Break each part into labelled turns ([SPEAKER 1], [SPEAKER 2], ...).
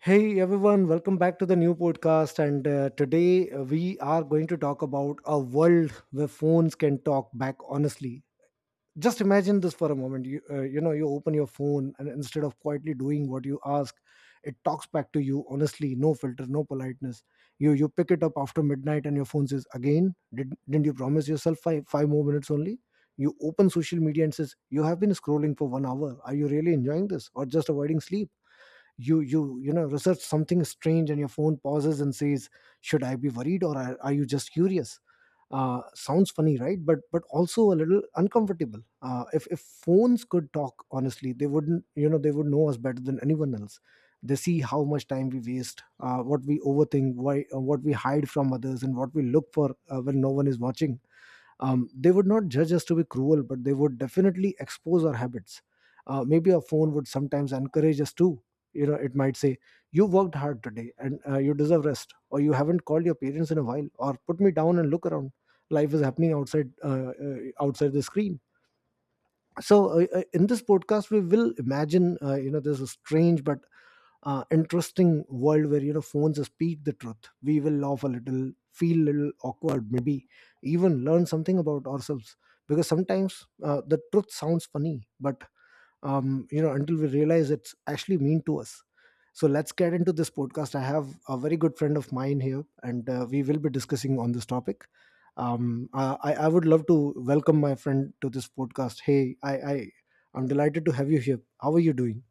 [SPEAKER 1] Hey everyone, welcome back to the new podcast. And today We are going to talk about a world where phones can talk back honestly. Just imagine this for a moment. You open your phone and instead of quietly doing what you ask, it talks back to you honestly, no filter, no politeness. You pick it up after midnight and your phone says, didn't you promise yourself five more minutes only? You open social media and says you have been scrolling for 1 hour. Are you really enjoying this or just avoiding sleep? You know research something strange and your phone pauses and says, should I be worried or are you just curious? Sounds funny, right? But also a little uncomfortable. If phones could talk honestly, they wouldn't you know they would know us better than anyone else. They see how much time we waste, what we overthink, why what we hide from others, and what we look for when no one is watching. They would not judge us to be cruel, but they would definitely expose our habits. Maybe a phone would sometimes encourage us too. You know, it might say, you worked hard today and you deserve rest, or you haven't called your parents in a while, or put me down and look around. Life is happening outside, outside the screen. So in this podcast we will imagine, you know, there's a strange but interesting world where, you know, phones speak the truth. We will laugh a little, feel a little awkward, maybe even learn something about ourselves. Because sometimes the truth sounds funny, but you know, until we realize it's actually mean to us. So let's get into this podcast. I have a very good friend of mine here, and we will be discussing on this topic. I would love to welcome my friend to this podcast. Hey, I'm delighted to have you here. How are you doing?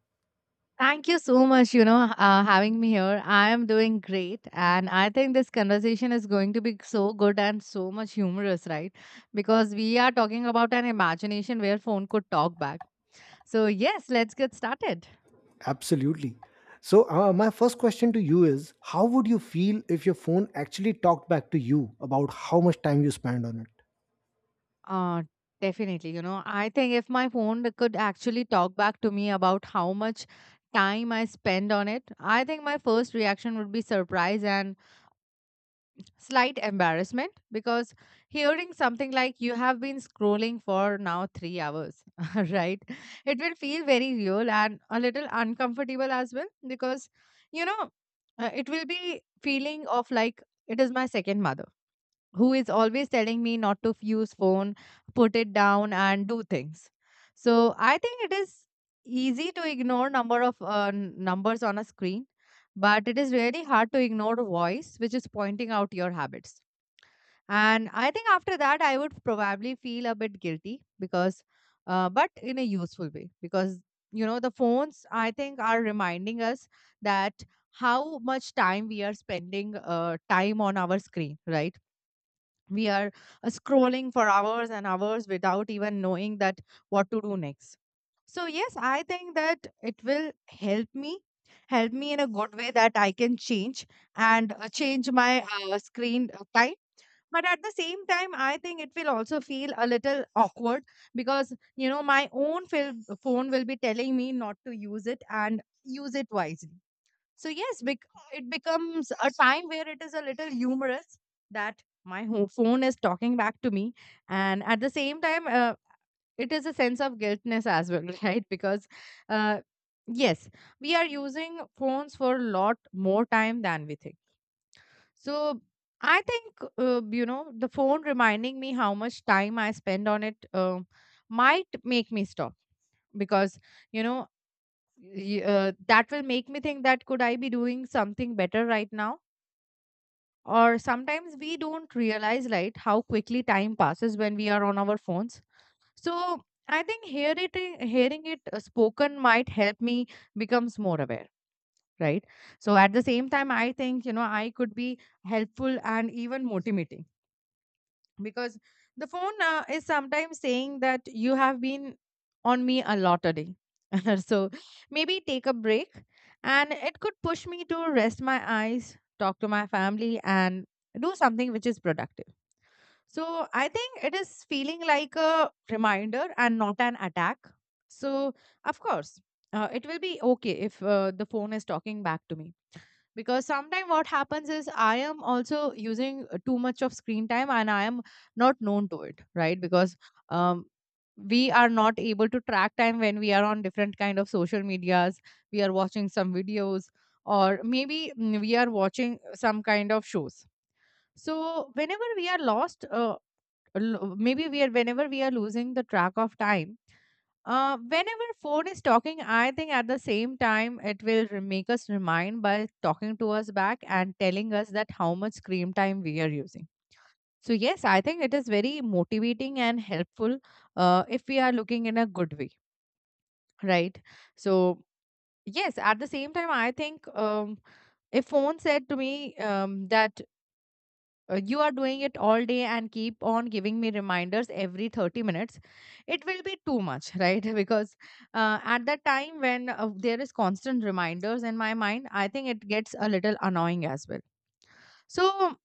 [SPEAKER 2] Thank you so much, you know, having me here. I am doing great. And I think this conversation is going to be so good and so much humorous, right? Because we are talking about an imagination where phone could talk back. So, yes, let's get started.
[SPEAKER 1] Absolutely. So, my first question to you is, how would you feel if your phone actually talked back to you about how much time you spent on it?
[SPEAKER 2] Uh, Definitely, you know, I think if my phone could actually talk back to me about how much time I spend on it, I think my first reaction would be surprise and slight embarrassment because hearing something like you have been scrolling for now 3 hours right, it will feel very real and a little uncomfortable as well. Because you know, it will be feeling of like it is my second mother who is always telling me not to use phone, put it down and do things. So I think it is easy to ignore number of numbers on a screen, but it is really hard to ignore a voice which is pointing out your habits. And I think after that I would probably feel a bit guilty because, but in a useful way. Because the phones, I think, are reminding us that how much time we are spending time on our screen, right? We are scrolling for hours and hours without even knowing that what to do next. So yes, I think that it will help me, help me in a good way that I can change and change my screen time. But at the same time, I think it will also feel a little awkward because you know my own phone will be telling me not to use it and use it wisely. So yes, it becomes a time where it is a little humorous that my phone is talking back to me, and at the same time, it is a sense of guiltness as well, right? Because, uh, yes, we are using phones for a lot more time than we think. So I think you know the phone reminding me how much time I spend on it might make me stop. Because you know that will make me think that could I be doing something better right now? Or sometimes we don't realize like how quickly time passes when we are on our phones. So I think hearing it spoken might help me becomes more aware, right? So at the same time, I think you know I could be helpful and even motivating because the phone is sometimes saying that you have been on me a lot today, so maybe take a break. And it could push me to rest my eyes, talk to my family and do something which is productive. So I think it is feeling like a reminder and not an attack. So of course, it will be okay if the phone is talking back to me. Because sometimes what happens is I am also using too much of screen time and I am not known to it, right? Because um, we are not able to track time when we are on different kind of social medias, we are watching some videos, or maybe we are watching some kind of shows. So whenever we are lost, l- maybe we are whenever we are losing the track of time, whenever phone is talking, I think at the same time it will make us remind by talking to us back and telling us that how much screen time we are using. So yes, I think it is very motivating and helpful if we are looking in a good way, right? So yes, at the same time, I think if phone said to me that you are doing it all day and keep on giving me reminders every 30 minutes, it will be too much, right? Because at that time when there is constant reminders in my mind, I think it gets a little annoying as well. So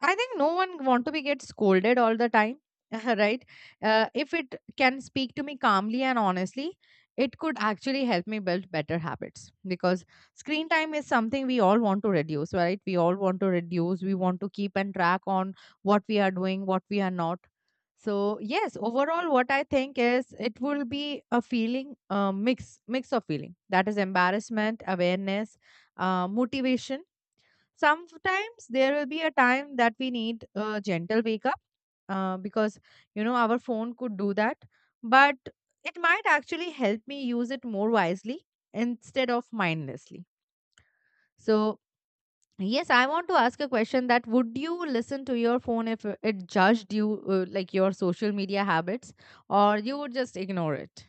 [SPEAKER 2] I think no one want to be get scolded all the time, right? If it can speak to me calmly and honestly, it could actually help me build better habits. Because screen time is something we all want to reduce, right? We all want to reduce. We want to keep and track on what we are doing, what we are not. So yes, overall, what I think is it will be a feeling, a mix of feeling that is embarrassment, awareness, motivation. Sometimes there will be a time that we need a gentle wake up, because you know our phone could do that, but it might actually help me use it more wisely instead of mindlessly. So yes, I want to ask a question that would you listen to your phone if it judged you, like your social media habits, or you would just ignore it?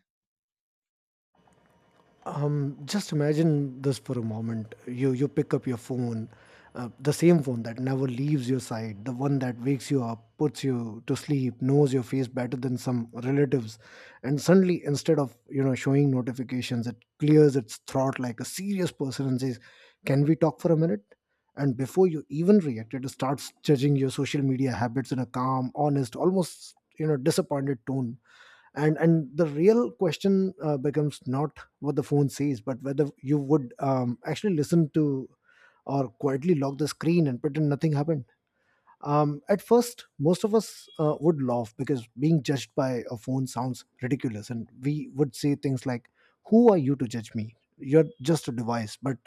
[SPEAKER 1] Just imagine this for a moment. You pick up your phone, the same phone that never leaves your side, the one that wakes you up, puts you to sleep, knows your face better than some relatives, and suddenly instead of, you know, showing notifications, it clears its throat like a serious person and says, "Can we talk for a minute?" And before you even react, it starts judging your social media habits in a calm, honest, almost, you know, disappointed tone. And the real question becomes not what the phone says, but whether you would actually listen to, or quietly lock the screen and pretend nothing happened. At first, most of us would laugh because being judged by a phone sounds ridiculous, and we would say things like, "Who are you to judge me? You're just a device." But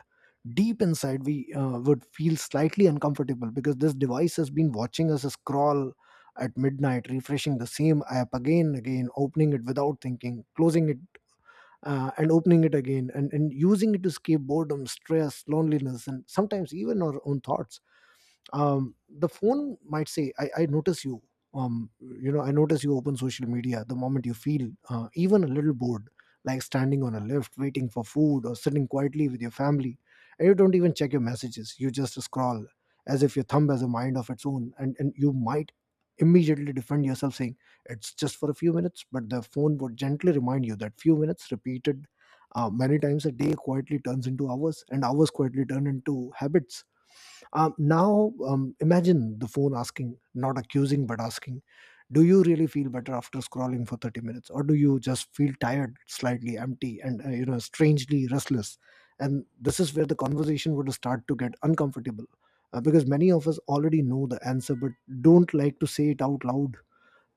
[SPEAKER 1] deep inside, we would feel slightly uncomfortable because this device has been watching us scroll at midnight, refreshing the same app again and again, opening it without thinking, closing it and opening it again, and using it to escape boredom, stress, loneliness, and sometimes even our own thoughts. The phone might say, I notice you, you know I notice you open social media the moment you feel even a little bored, like standing on a lift waiting for food or sitting quietly with your family, and you don't even check your messages, you just scroll as if your thumb has a mind of its own. And you might immediately defend yourself saying, it's just for a few minutes. But the phone would gently remind you that few minutes repeated many times a day quietly turns into hours, and hours quietly turn into habits. Now, imagine the phone asking, not accusing, but asking, do you really feel better after scrolling for 30 minutes? Or do you just feel tired, slightly empty, and, strangely restless? And this is where the conversation would start to get uncomfortable. Because many of us already know the answer but don't like to say it out loud,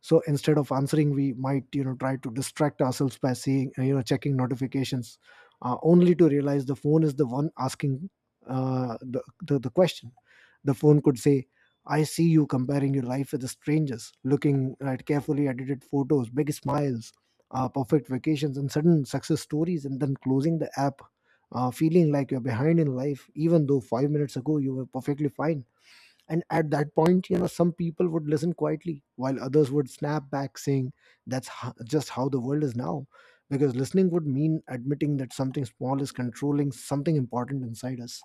[SPEAKER 1] so instead of answering we might, you know, try to distract ourselves by seeing, checking notifications, only to realize the phone is the one asking the question. The phone could say, I see you comparing your life with the strangers, looking at carefully edited photos, big smiles, perfect vacations, and sudden success stories, and then closing the app, feeling like you're behind in life even though 5 minutes ago you were perfectly fine. And at that point, you know, some people would listen quietly while others would snap back saying, that's just how the world is now. Because listening would mean admitting that something small is controlling something important inside us.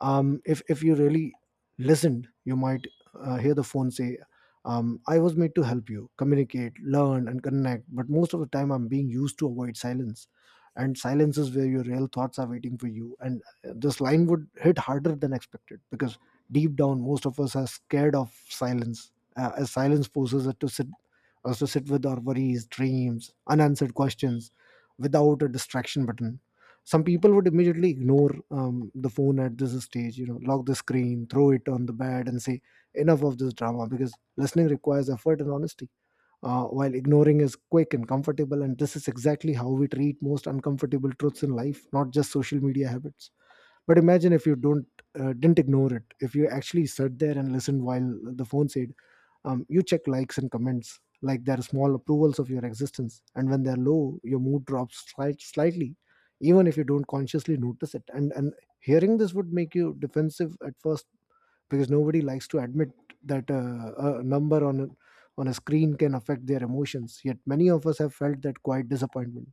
[SPEAKER 1] If you really listened, you might hear the phone say, I was made to help you communicate, learn, and connect, but most of the time I'm being used to avoid silence, and silence is where your real thoughts are waiting for you. And this line would hit harder than expected, because deep down most of us are scared of silence, as silence forces us to sit with our worries, dreams, unanswered questions, without a distraction button. Some people would immediately ignore the phone at this stage, you know, lock the screen, throw it on the bed, and say, enough of this drama, because listening requires effort and honesty, while ignoring is quick and comfortable. And this is exactly how we treat most uncomfortable truths in life, not just social media habits. But imagine if you don't didn't ignore it, if you actually sat there and listened while the phone said, you check likes and comments like they're small approvals of your existence, and when they're low your mood drops slightly, even if you don't consciously notice it. And hearing this would make you defensive at first, because nobody likes to admit that a number on a screen can affect their emotions, yet many of us have felt that quiet disappointment.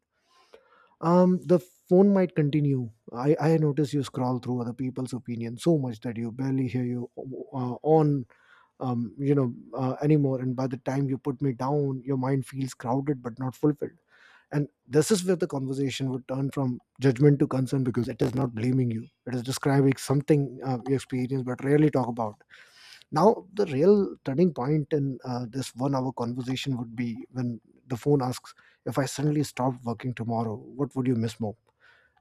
[SPEAKER 1] The phone might continue, I notice you scroll through other people's opinions so much that you barely hear you on you know anymore, and by the time you put me down your mind feels crowded but not fulfilled. And this is where the conversation would turn from judgment to concern, because it is not blaming you, it is describing something you experience but rarely talk about. Now the real turning point in this 1 hour conversation would be when the phone asks, if I suddenly stopped working tomorrow, what would you miss more,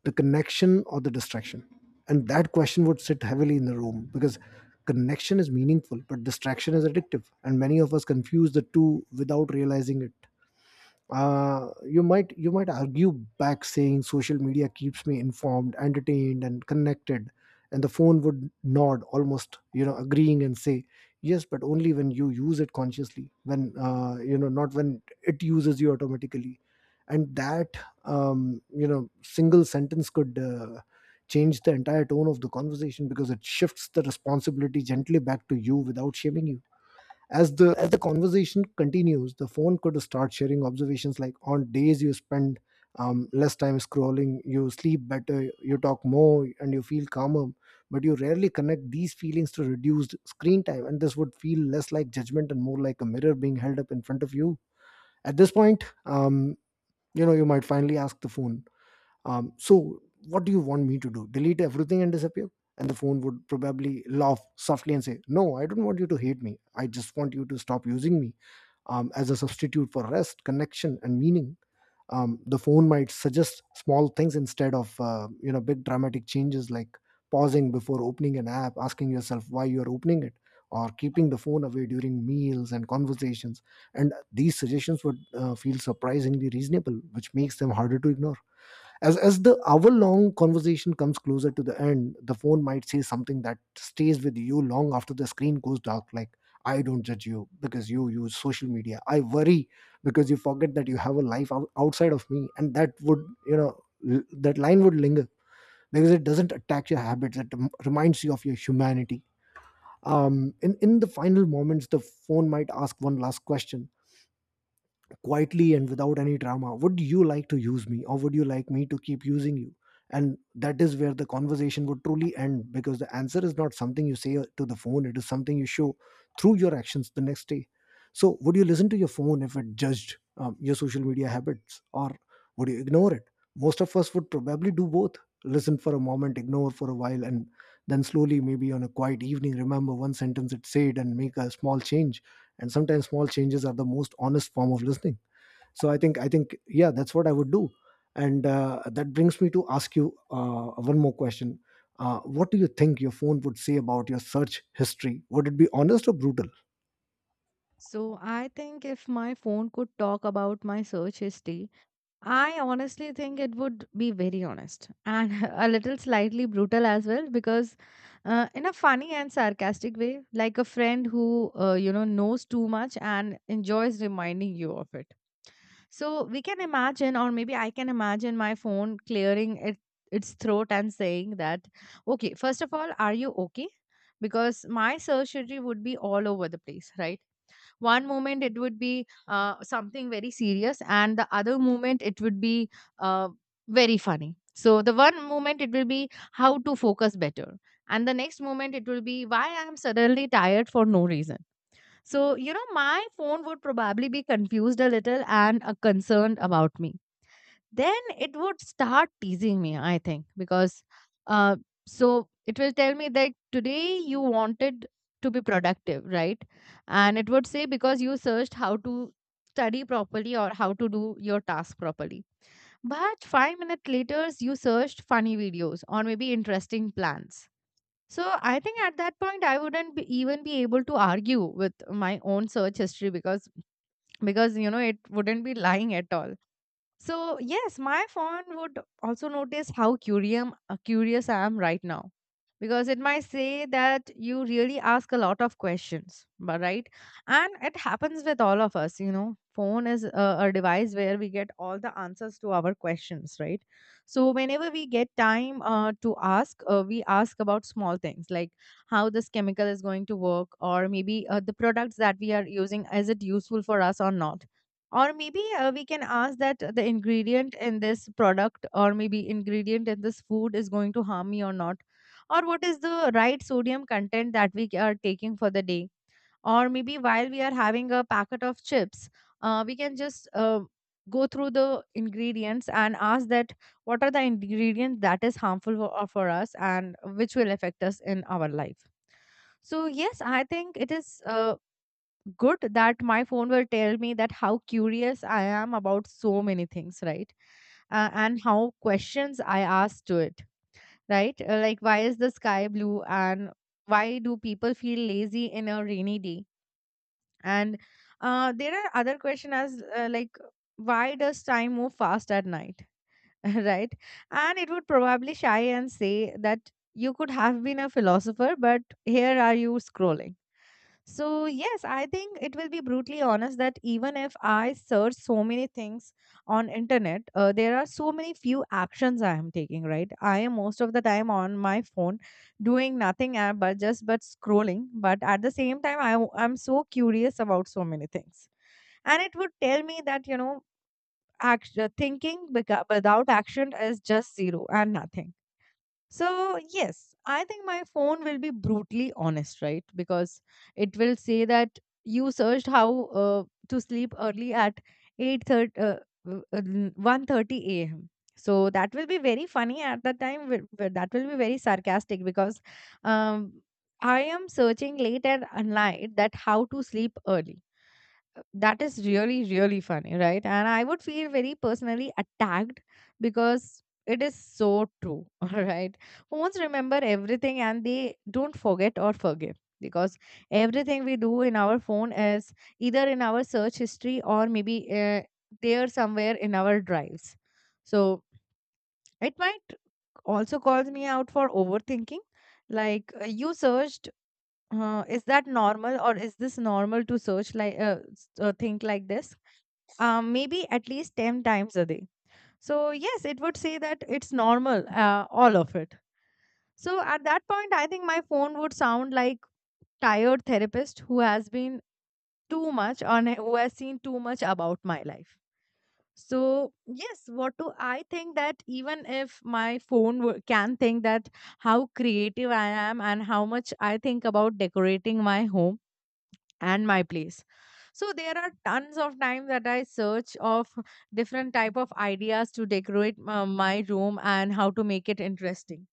[SPEAKER 1] the connection or the distraction? And that question would sit heavily in the room, because connection is meaningful but distraction is addictive, and many of us confuse the two without realizing it. You might argue back saying, social media keeps me informed, entertained, and connected. And the phone would nod, almost, you know, agreeing, and say, yes, but only when you use it consciously, when, not when it uses you automatically. And that, single sentence could change the entire tone of the conversation, because it shifts the responsibility gently back to you without shaming you. As the conversation continues, the phone could start sharing observations like, on days you spend less time scrolling you sleep better, you talk more, and you feel calmer, but you rarely connect these feelings to reduced screen time. And this would feel less like judgment and more like a mirror being held up in front of you. At this point, you might finally ask the phone, so, what do you want me to do? Delete everything and disappear? And the phone would probably laugh softly and say, no, I don't want you to hate me. I just want you to stop using me as a substitute for rest, connection, and meaning. The phone might suggest small things instead of, big dramatic changes, like pausing before opening an app, asking yourself why you are opening it, or keeping the phone away during meals and conversations. And these suggestions would feel surprisingly reasonable, which makes them harder to ignore. As the hour long conversation comes closer to the end, the phone might say something that stays with you long after the screen goes dark, like, I don't judge you because you use social media. I worry because you forget that you have a life outside of me. And that would you know that line would linger because it doesn't attack your habits, it reminds you of your humanity. In the final moments, the phone might ask one last question, quietly and without any drama. Would you like to use me, or would you like me to keep using you? And that is where the conversation would truly end, because the answer is not something you say to the phone, it is something you show through your actions the next day. So would you listen to your phone if it judged your social media habits, or would you ignore it? Most of us would probably do both: listen for a moment, ignore for a while, and then slowly, maybe on a quiet evening, remember one sentence it said and make a small change. And sometimes small changes are the most honest form of listening. So I think yeah, that's what I would do. And that brings me to ask you one more question. What do you think your phone would say about your search history? Would it be honest or brutal?
[SPEAKER 2] So I think if my phone could talk about my search history, I honestly think it would be very honest and a little slightly brutal as well. Because, in a funny and sarcastic way, like a friend who, you know, knows too much and enjoys reminding you of it. So we can imagine, or maybe I can imagine my phone its throat and saying that, okay, first of all, are you okay? Because my surgery would be all over the place, right? One moment it would be something very serious and the other moment it would be uh, very funny. So the one moment it will be how to focus better, and the next moment it will be why I'm suddenly tired for no reason. So you know my phone would probably be confused a little and concerned about me. Then it would start teasing me, I think. Because uh, so it will tell me that today you wanted to be productive, right? And it would say, because you searched how to study properly or how to do your task properly, but 5 minutes later you searched funny videos or maybe interesting plans. So I think at that point I wouldn't be even be able to argue with my own search history. Because you know it wouldn't be lying at all. So yes, my phone would also notice how curious I am right now. Because it might say that you really ask a lot of questions, but right, and it happens with all of us. You know, phone is a device where we get all the answers to our questions, right? So whenever we get time to ask, we ask about small things like how this chemical is going to work, or maybe the products that we are using is it useful for us or not, or maybe we can ask that the ingredient in this product or maybe ingredient in this food is going to harm me or not, or what is the right sodium content that we are taking for the day, or maybe while we are having a packet of chips, we can just go through the ingredients and ask that what are the ingredients that is harmful for us and which will affect us in our life. So yes, I think it is good that my phone will tell me that how curious I am about so many things, right? And how questions I ask to it, right? Like, why is the sky blue? And why do people feel lazy in a rainy day? And there are other questions as like, why does time move fast at night, right? And it would probably shy and say that you could have been a philosopher, but here are you scrolling. So, yes, I think it will be brutally honest that even if I search so many things on internet, there are so many few actions I am taking, right? I am most of the time on my phone doing nothing but just but scrolling. But at the same time, I'm so curious about so many things. And it would tell me that, you know, thinking without action is just zero and nothing. So, yes, I think my phone will be brutally honest, right? Because it will say that you searched how to sleep early at 8:30 uh, w- uh, n- 1:30 a.m. So that will be very funny at the time. That will be very sarcastic because um, I am searching late at night that how to sleep early. That is really funny, right? And I would feel very personally attacked because it is so true. All right, phones remember everything and they don't forget or forgive because everything we do in our phone is either in our search history or maybe there somewhere in our drives. So it might also calls me out for overthinking, like you searched is that normal, or is this normal to search like think like this maybe at least 10 times a day. So, yes, it would say that it's normal, all of it. So, at that point, I think my phone would sound like tired therapist who has been too much on, who has seen too much about my life. So, yes, what do I think that even if my phone can think that how creative I am and how much I think about decorating my home and my place. So there are tons of times that I search of different type of ideas to decorate my room and how to make it interesting.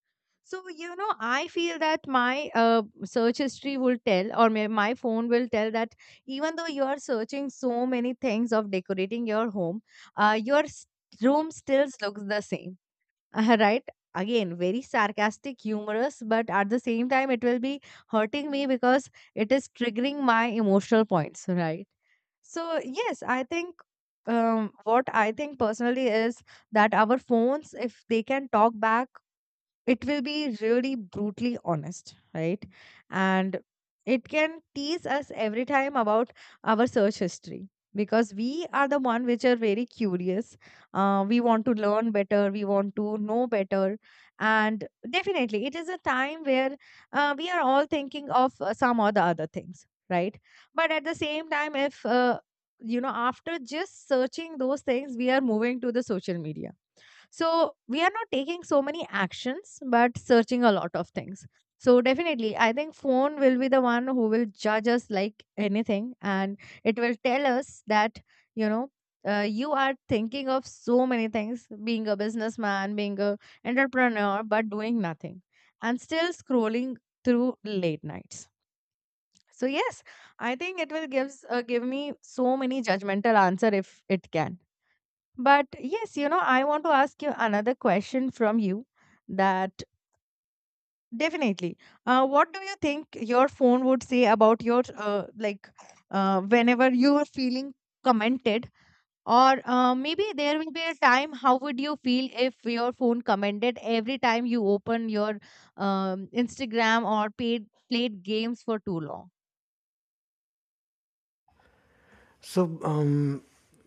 [SPEAKER 2] So, you know, I feel that my search history will tell, or my phone will tell that even though you are searching so many things of decorating your home, uh, your s- room still looks the same, right? Again, very sarcastic, humorous, but at the same time, it will be hurting me because it is triggering my emotional points, right? So, yes, I think what I think personally is that our phones, if they can talk back, it will be really brutally honest, right? And it can tease us every time about our search history, because we are the one which are very curious. We want to learn better. We want to know better. And definitely, it is a time where we are all thinking of some or the other things, right? But at the same time, if after just searching those things, we are moving to the social media, so we are not taking so many actions, but searching a lot of things. So definitely, I think phone will be the one who will judge us like anything, and it will tell us that, you know, you are thinking of so many things, being a businessman, being a entrepreneur, but doing nothing, and still scrolling through late nights. So yes, I think it will gives give me so many judgmental answer if it can. But yes, you know, I want to ask you another question from you, that definitely. What do you think your phone would say about your, like, whenever you are feeling commented? Or maybe there will be a time, how would you feel if your phone commented every time you open your Instagram or played games for too long?
[SPEAKER 1] So,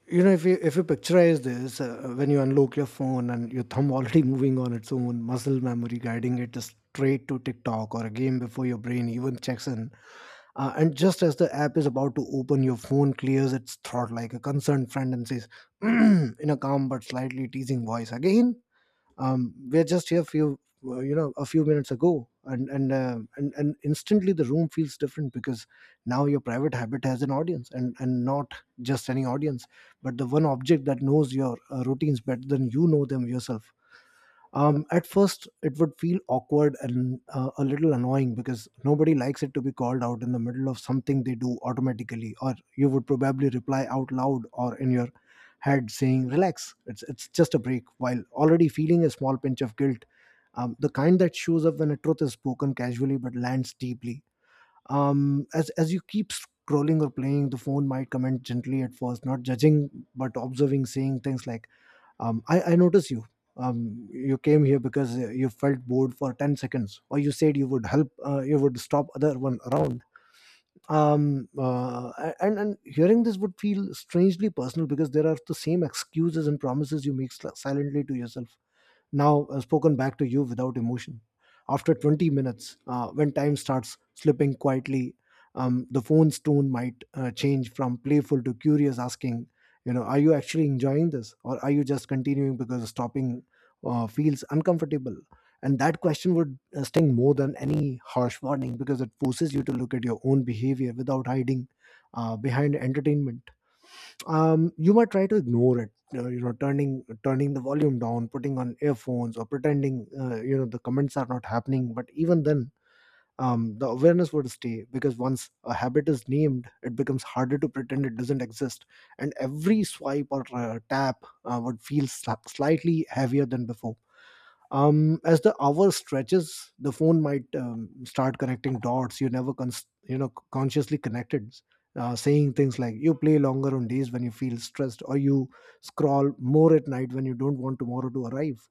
[SPEAKER 1] you know, if you picturize this, when you unlock your phone and your thumb already moving on its own, muscle memory guiding it straight to TikTok or a game before your brain even checks in, and just as the app is about to open, your phone clears its throat like a concerned friend and says, in a calm but slightly teasing voice, "Again." We're just here few a few minutes ago, and instantly the room feels different because now your private habit has an audience, and not just any audience, but the one object that knows your routines better than you know them yourself. At first, it would feel awkward and a little annoying, because nobody likes it to be called out in the middle of something they do automatically, or you would probably reply out loud or in your head saying, Relax, it's just a break, while already feeling a small pinch of guilt, the kind that shows up when a truth is spoken casually but lands deeply. As you keep scrolling or playing, the phone might comment gently at first, not judging but observing, saying things like, I notice you you came here because you felt bored for 10 seconds, or you said you would help you would stop other one around. And hearing this would feel strangely personal because there are the same excuses and promises you make silently to yourself, now spoken back to you without emotion. After 20 minutes, when time starts slipping quietly, the phone's tone might change from playful to curious, asking, you know, are you actually enjoying this, or are you just continuing because stopping feels uncomfortable? And that question would sting more than any harsh warning because it forces you to look at your own behavior without hiding behind entertainment. You might try to ignore it, you know, turning the volume down, putting on earphones, or pretending, you know, the comments are not happening. But even then, the awareness would stay, because once a habit is named it becomes harder to pretend it doesn't exist, and every swipe or tap would feel slightly heavier than before. As the hour stretches, the phone might start connecting dots you never you know consciously connected, saying things like, you play longer on days when you feel stressed, or you scroll more at night when you don't want tomorrow to arrive.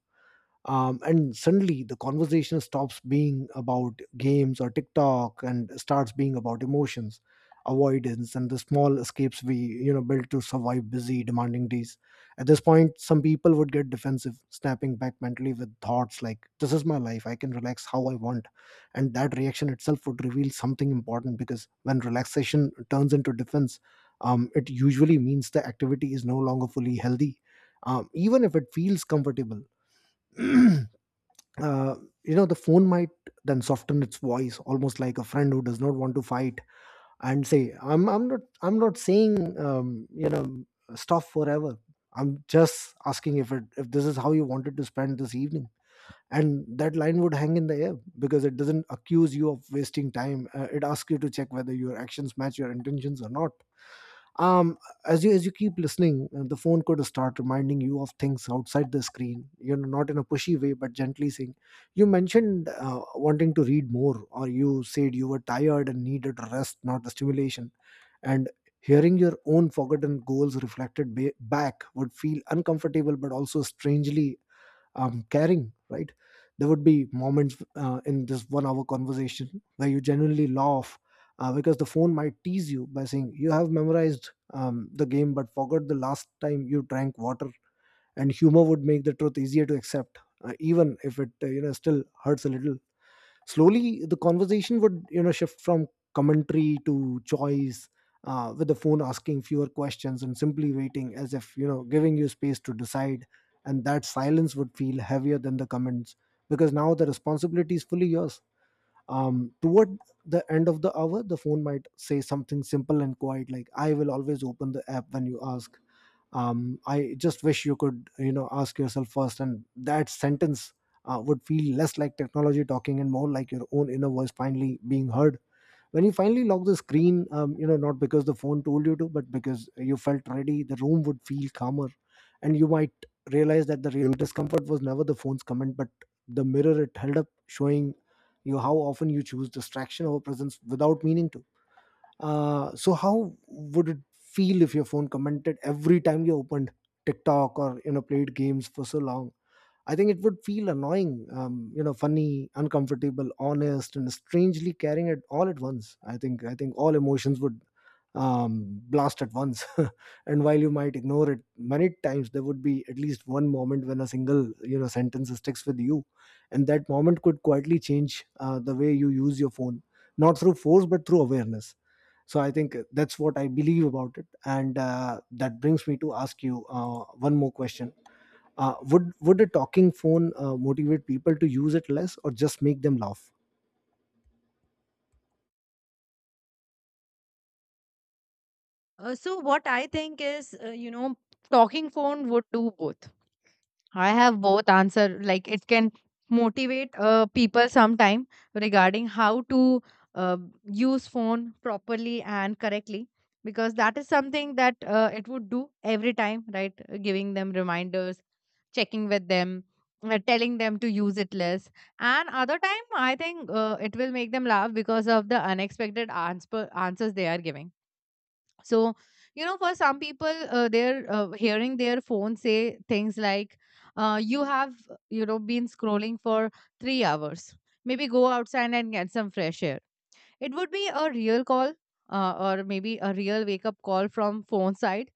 [SPEAKER 1] And suddenly the conversation stops being about games or TikTok and starts being about emotions, avoidance, and the small escapes we, you know, built to survive busy, demanding days. At this point, some people would get defensive, snapping back mentally with thoughts like, this is my life, I can relax how I want. And that reaction itself would reveal something important, because when relaxation turns into defense, it usually means the activity is no longer fully healthy, even if it feels comfortable. uh, you know, the phone might then soften its voice, almost like a friend who does not want to fight, and say, I'm not saying, you know, stuff forever. I'm just asking, if this is how you wanted to spend this evening. And that line would hang in the air, because it doesn't accuse you of wasting time, it asks you to check whether your actions match your intentions or not. Um as you as you keep listening, the phone could start reminding you of things outside the screen, you know, not in a pushy way but gently saying, you mentioned wanting to read more, or you said you were tired and needed rest, not the stimulation. And hearing your own forgotten goals reflected back would feel uncomfortable but also strangely caring, right? There would be moments in this 1 hour conversation where you genuinely laugh, because the phone might tease you by saying, You have memorized the game but forgot the last time you drank water. And humor would make the truth easier to accept, even if it, you know, still hurts a little. Slowly, the conversation would, you know, shift from commentary to choice, with the phone asking fewer questions and simply waiting, as if, you know, giving you space to decide. And that silence would feel heavier than the comments, because now the responsibility is fully yours. Toward the end of the hour, the phone might say something simple and quiet like, "I will always open the app when you ask." I just wish you could, you know, ask yourself first. And that sentence would feel less like technology talking and more like your own inner voice finally being heard. When you finally lock the screen, you know, not because the phone told you to but because you felt ready, the room would feel calmer, and you might realize that the real discomfort was never the phone's comment but the mirror it held up, showing you how often you choose distraction over presence without meaning to. So how would it feel if your phone commented every time you opened TikTok, or you know, played games for so long? I think it would feel annoying, you know, funny, uncomfortable, honest, and strangely caring, it all at once. I think all emotions would blast at once, and while you might ignore it many times, there would be at least one moment when a single, you know, sentence sticks with you, and that moment could quietly change the way you use your phone, not through force but through awareness. So I think that's what I believe about it. And that brings me to ask you one more question. Would a talking phone motivate people to use it less, or just make them laugh?
[SPEAKER 2] So, what I think is, you know, talking phone would do both. I have both answer. Like it can motivate people sometime regarding how to uh, use phone properly and correctly, because that is something that it would do every time, right? Giving them reminders, checking with them, telling them to use it less. And other time, I think it will make them laugh because of the unexpected answers they are giving. So, you know, for some people, they're hearing their phone say things like, you have, you know, been scrolling for 3 hours, maybe go outside and get some fresh air. It would be a real call, or maybe a real wake up call from phone side.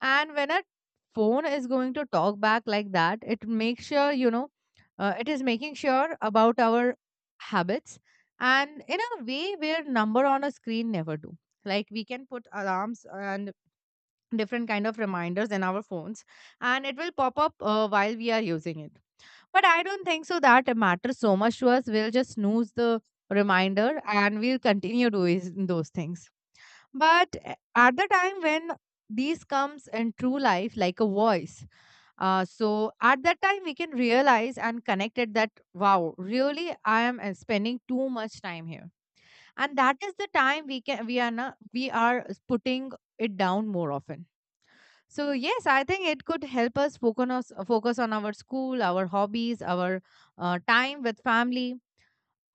[SPEAKER 2] And when a phone is going to talk back like that, it makes sure, you know, it is making sure about our habits, and in a way where number on a screen never do. Like we can put alarms and different kind of reminders in our phones, and it will pop up while we are using it, but I don't think so that it matters so much to us. We'll just snooze the reminder and we'll continue doing those things. But at the time when these comes in true life like a voice, so at that time we can realize and connect it that, wow, really I am spending too much time here, and that is the time we can, we are not, we are putting it down more often. So yes, I think it could help us focus on our school, our hobbies, our time with family.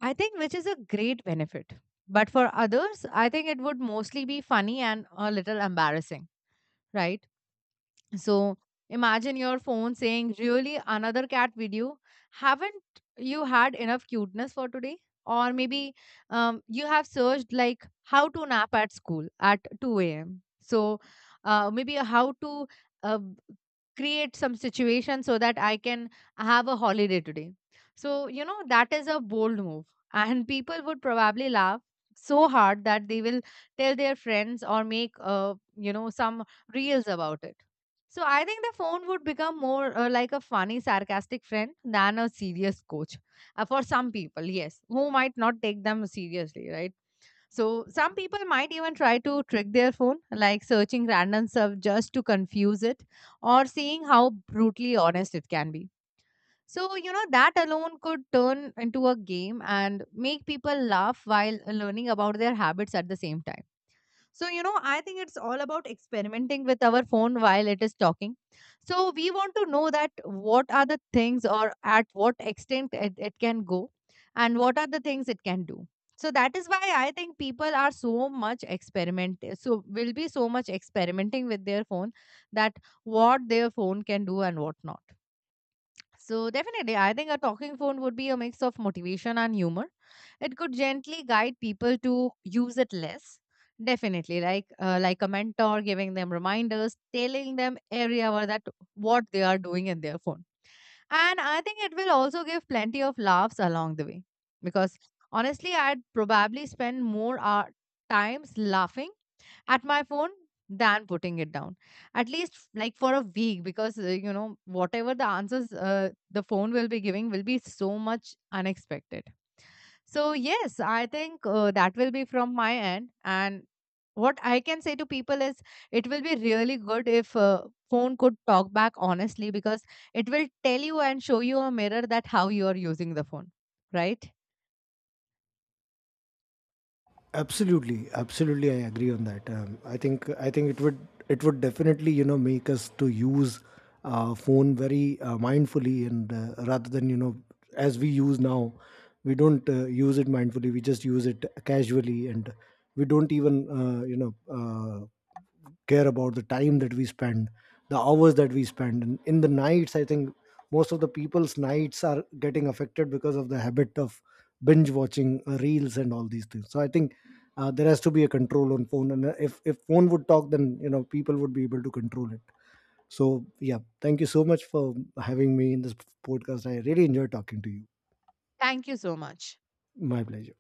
[SPEAKER 2] I think which is a great benefit. But for others, I think it would mostly be funny and a little embarrassing, right? So imagine your phone saying, "Really, another cat video? Haven't you had enough cuteness for today?" Or maybe, you have searched like how to nap at school at 2 a.m. So maybe how to uh, create some situation so that I can have a holiday today. So, you know, that is a bold move. And people would probably laugh so hard that they will tell their friends or make, you know, some reels about it. So I think the phone would become more like a funny, sarcastic friend than a serious coach. For some people, yes, who might not take them seriously, right? So some people might even try to trick their phone, like searching random stuff just to confuse it, or seeing how brutally honest it can be. So you know that alone could turn into a game and make people laugh while learning about their habits at the same time. So, you know, I think it's all about experimenting with our phone while it is talking. So, we want to know that what are the things, or at what extent it can go, and what are the things it can do. So, that is why I think people are so much experiment, so will be so much experimenting with their phone, that what their phone can do and what not. So, definitely, I think a talking phone would be a mix of motivation and humor. It could gently guide people to use it less. Definitely, like a mentor giving them reminders, telling them area where that what they are doing in their phone. And I think it will also give plenty of laughs along the way. Because honestly, I'd probably spend more hour, times laughing at my phone than putting it down, at least like for a week, because you know, whatever the answers the phone will be giving will be so much unexpected. So, yes, I think that will be from my end. And what I can say to people is, it will be really good if phone could talk back honestly, because it will tell you and show you a mirror that how you are using the phone, right?
[SPEAKER 1] Absolutely, absolutely, I agree on that. I think it would, it would definitely, you know, make us to use phone very mindfully, and rather than, you know, as we use now, we don't use it mindfully. We just use it casually, and we don't even, you know, uh, care about the time that we spend, the hours that we spend. And in the nights, I think most of the people's nights are getting affected because of the habit of binge watching reels and all these things. So I think there has to be a control on phone, and if phone would talk then, you know, people would be able to control it. So yeah, thank you so much for having me in this podcast, I really enjoyed talking to you.
[SPEAKER 2] Thank you so much.
[SPEAKER 1] My pleasure.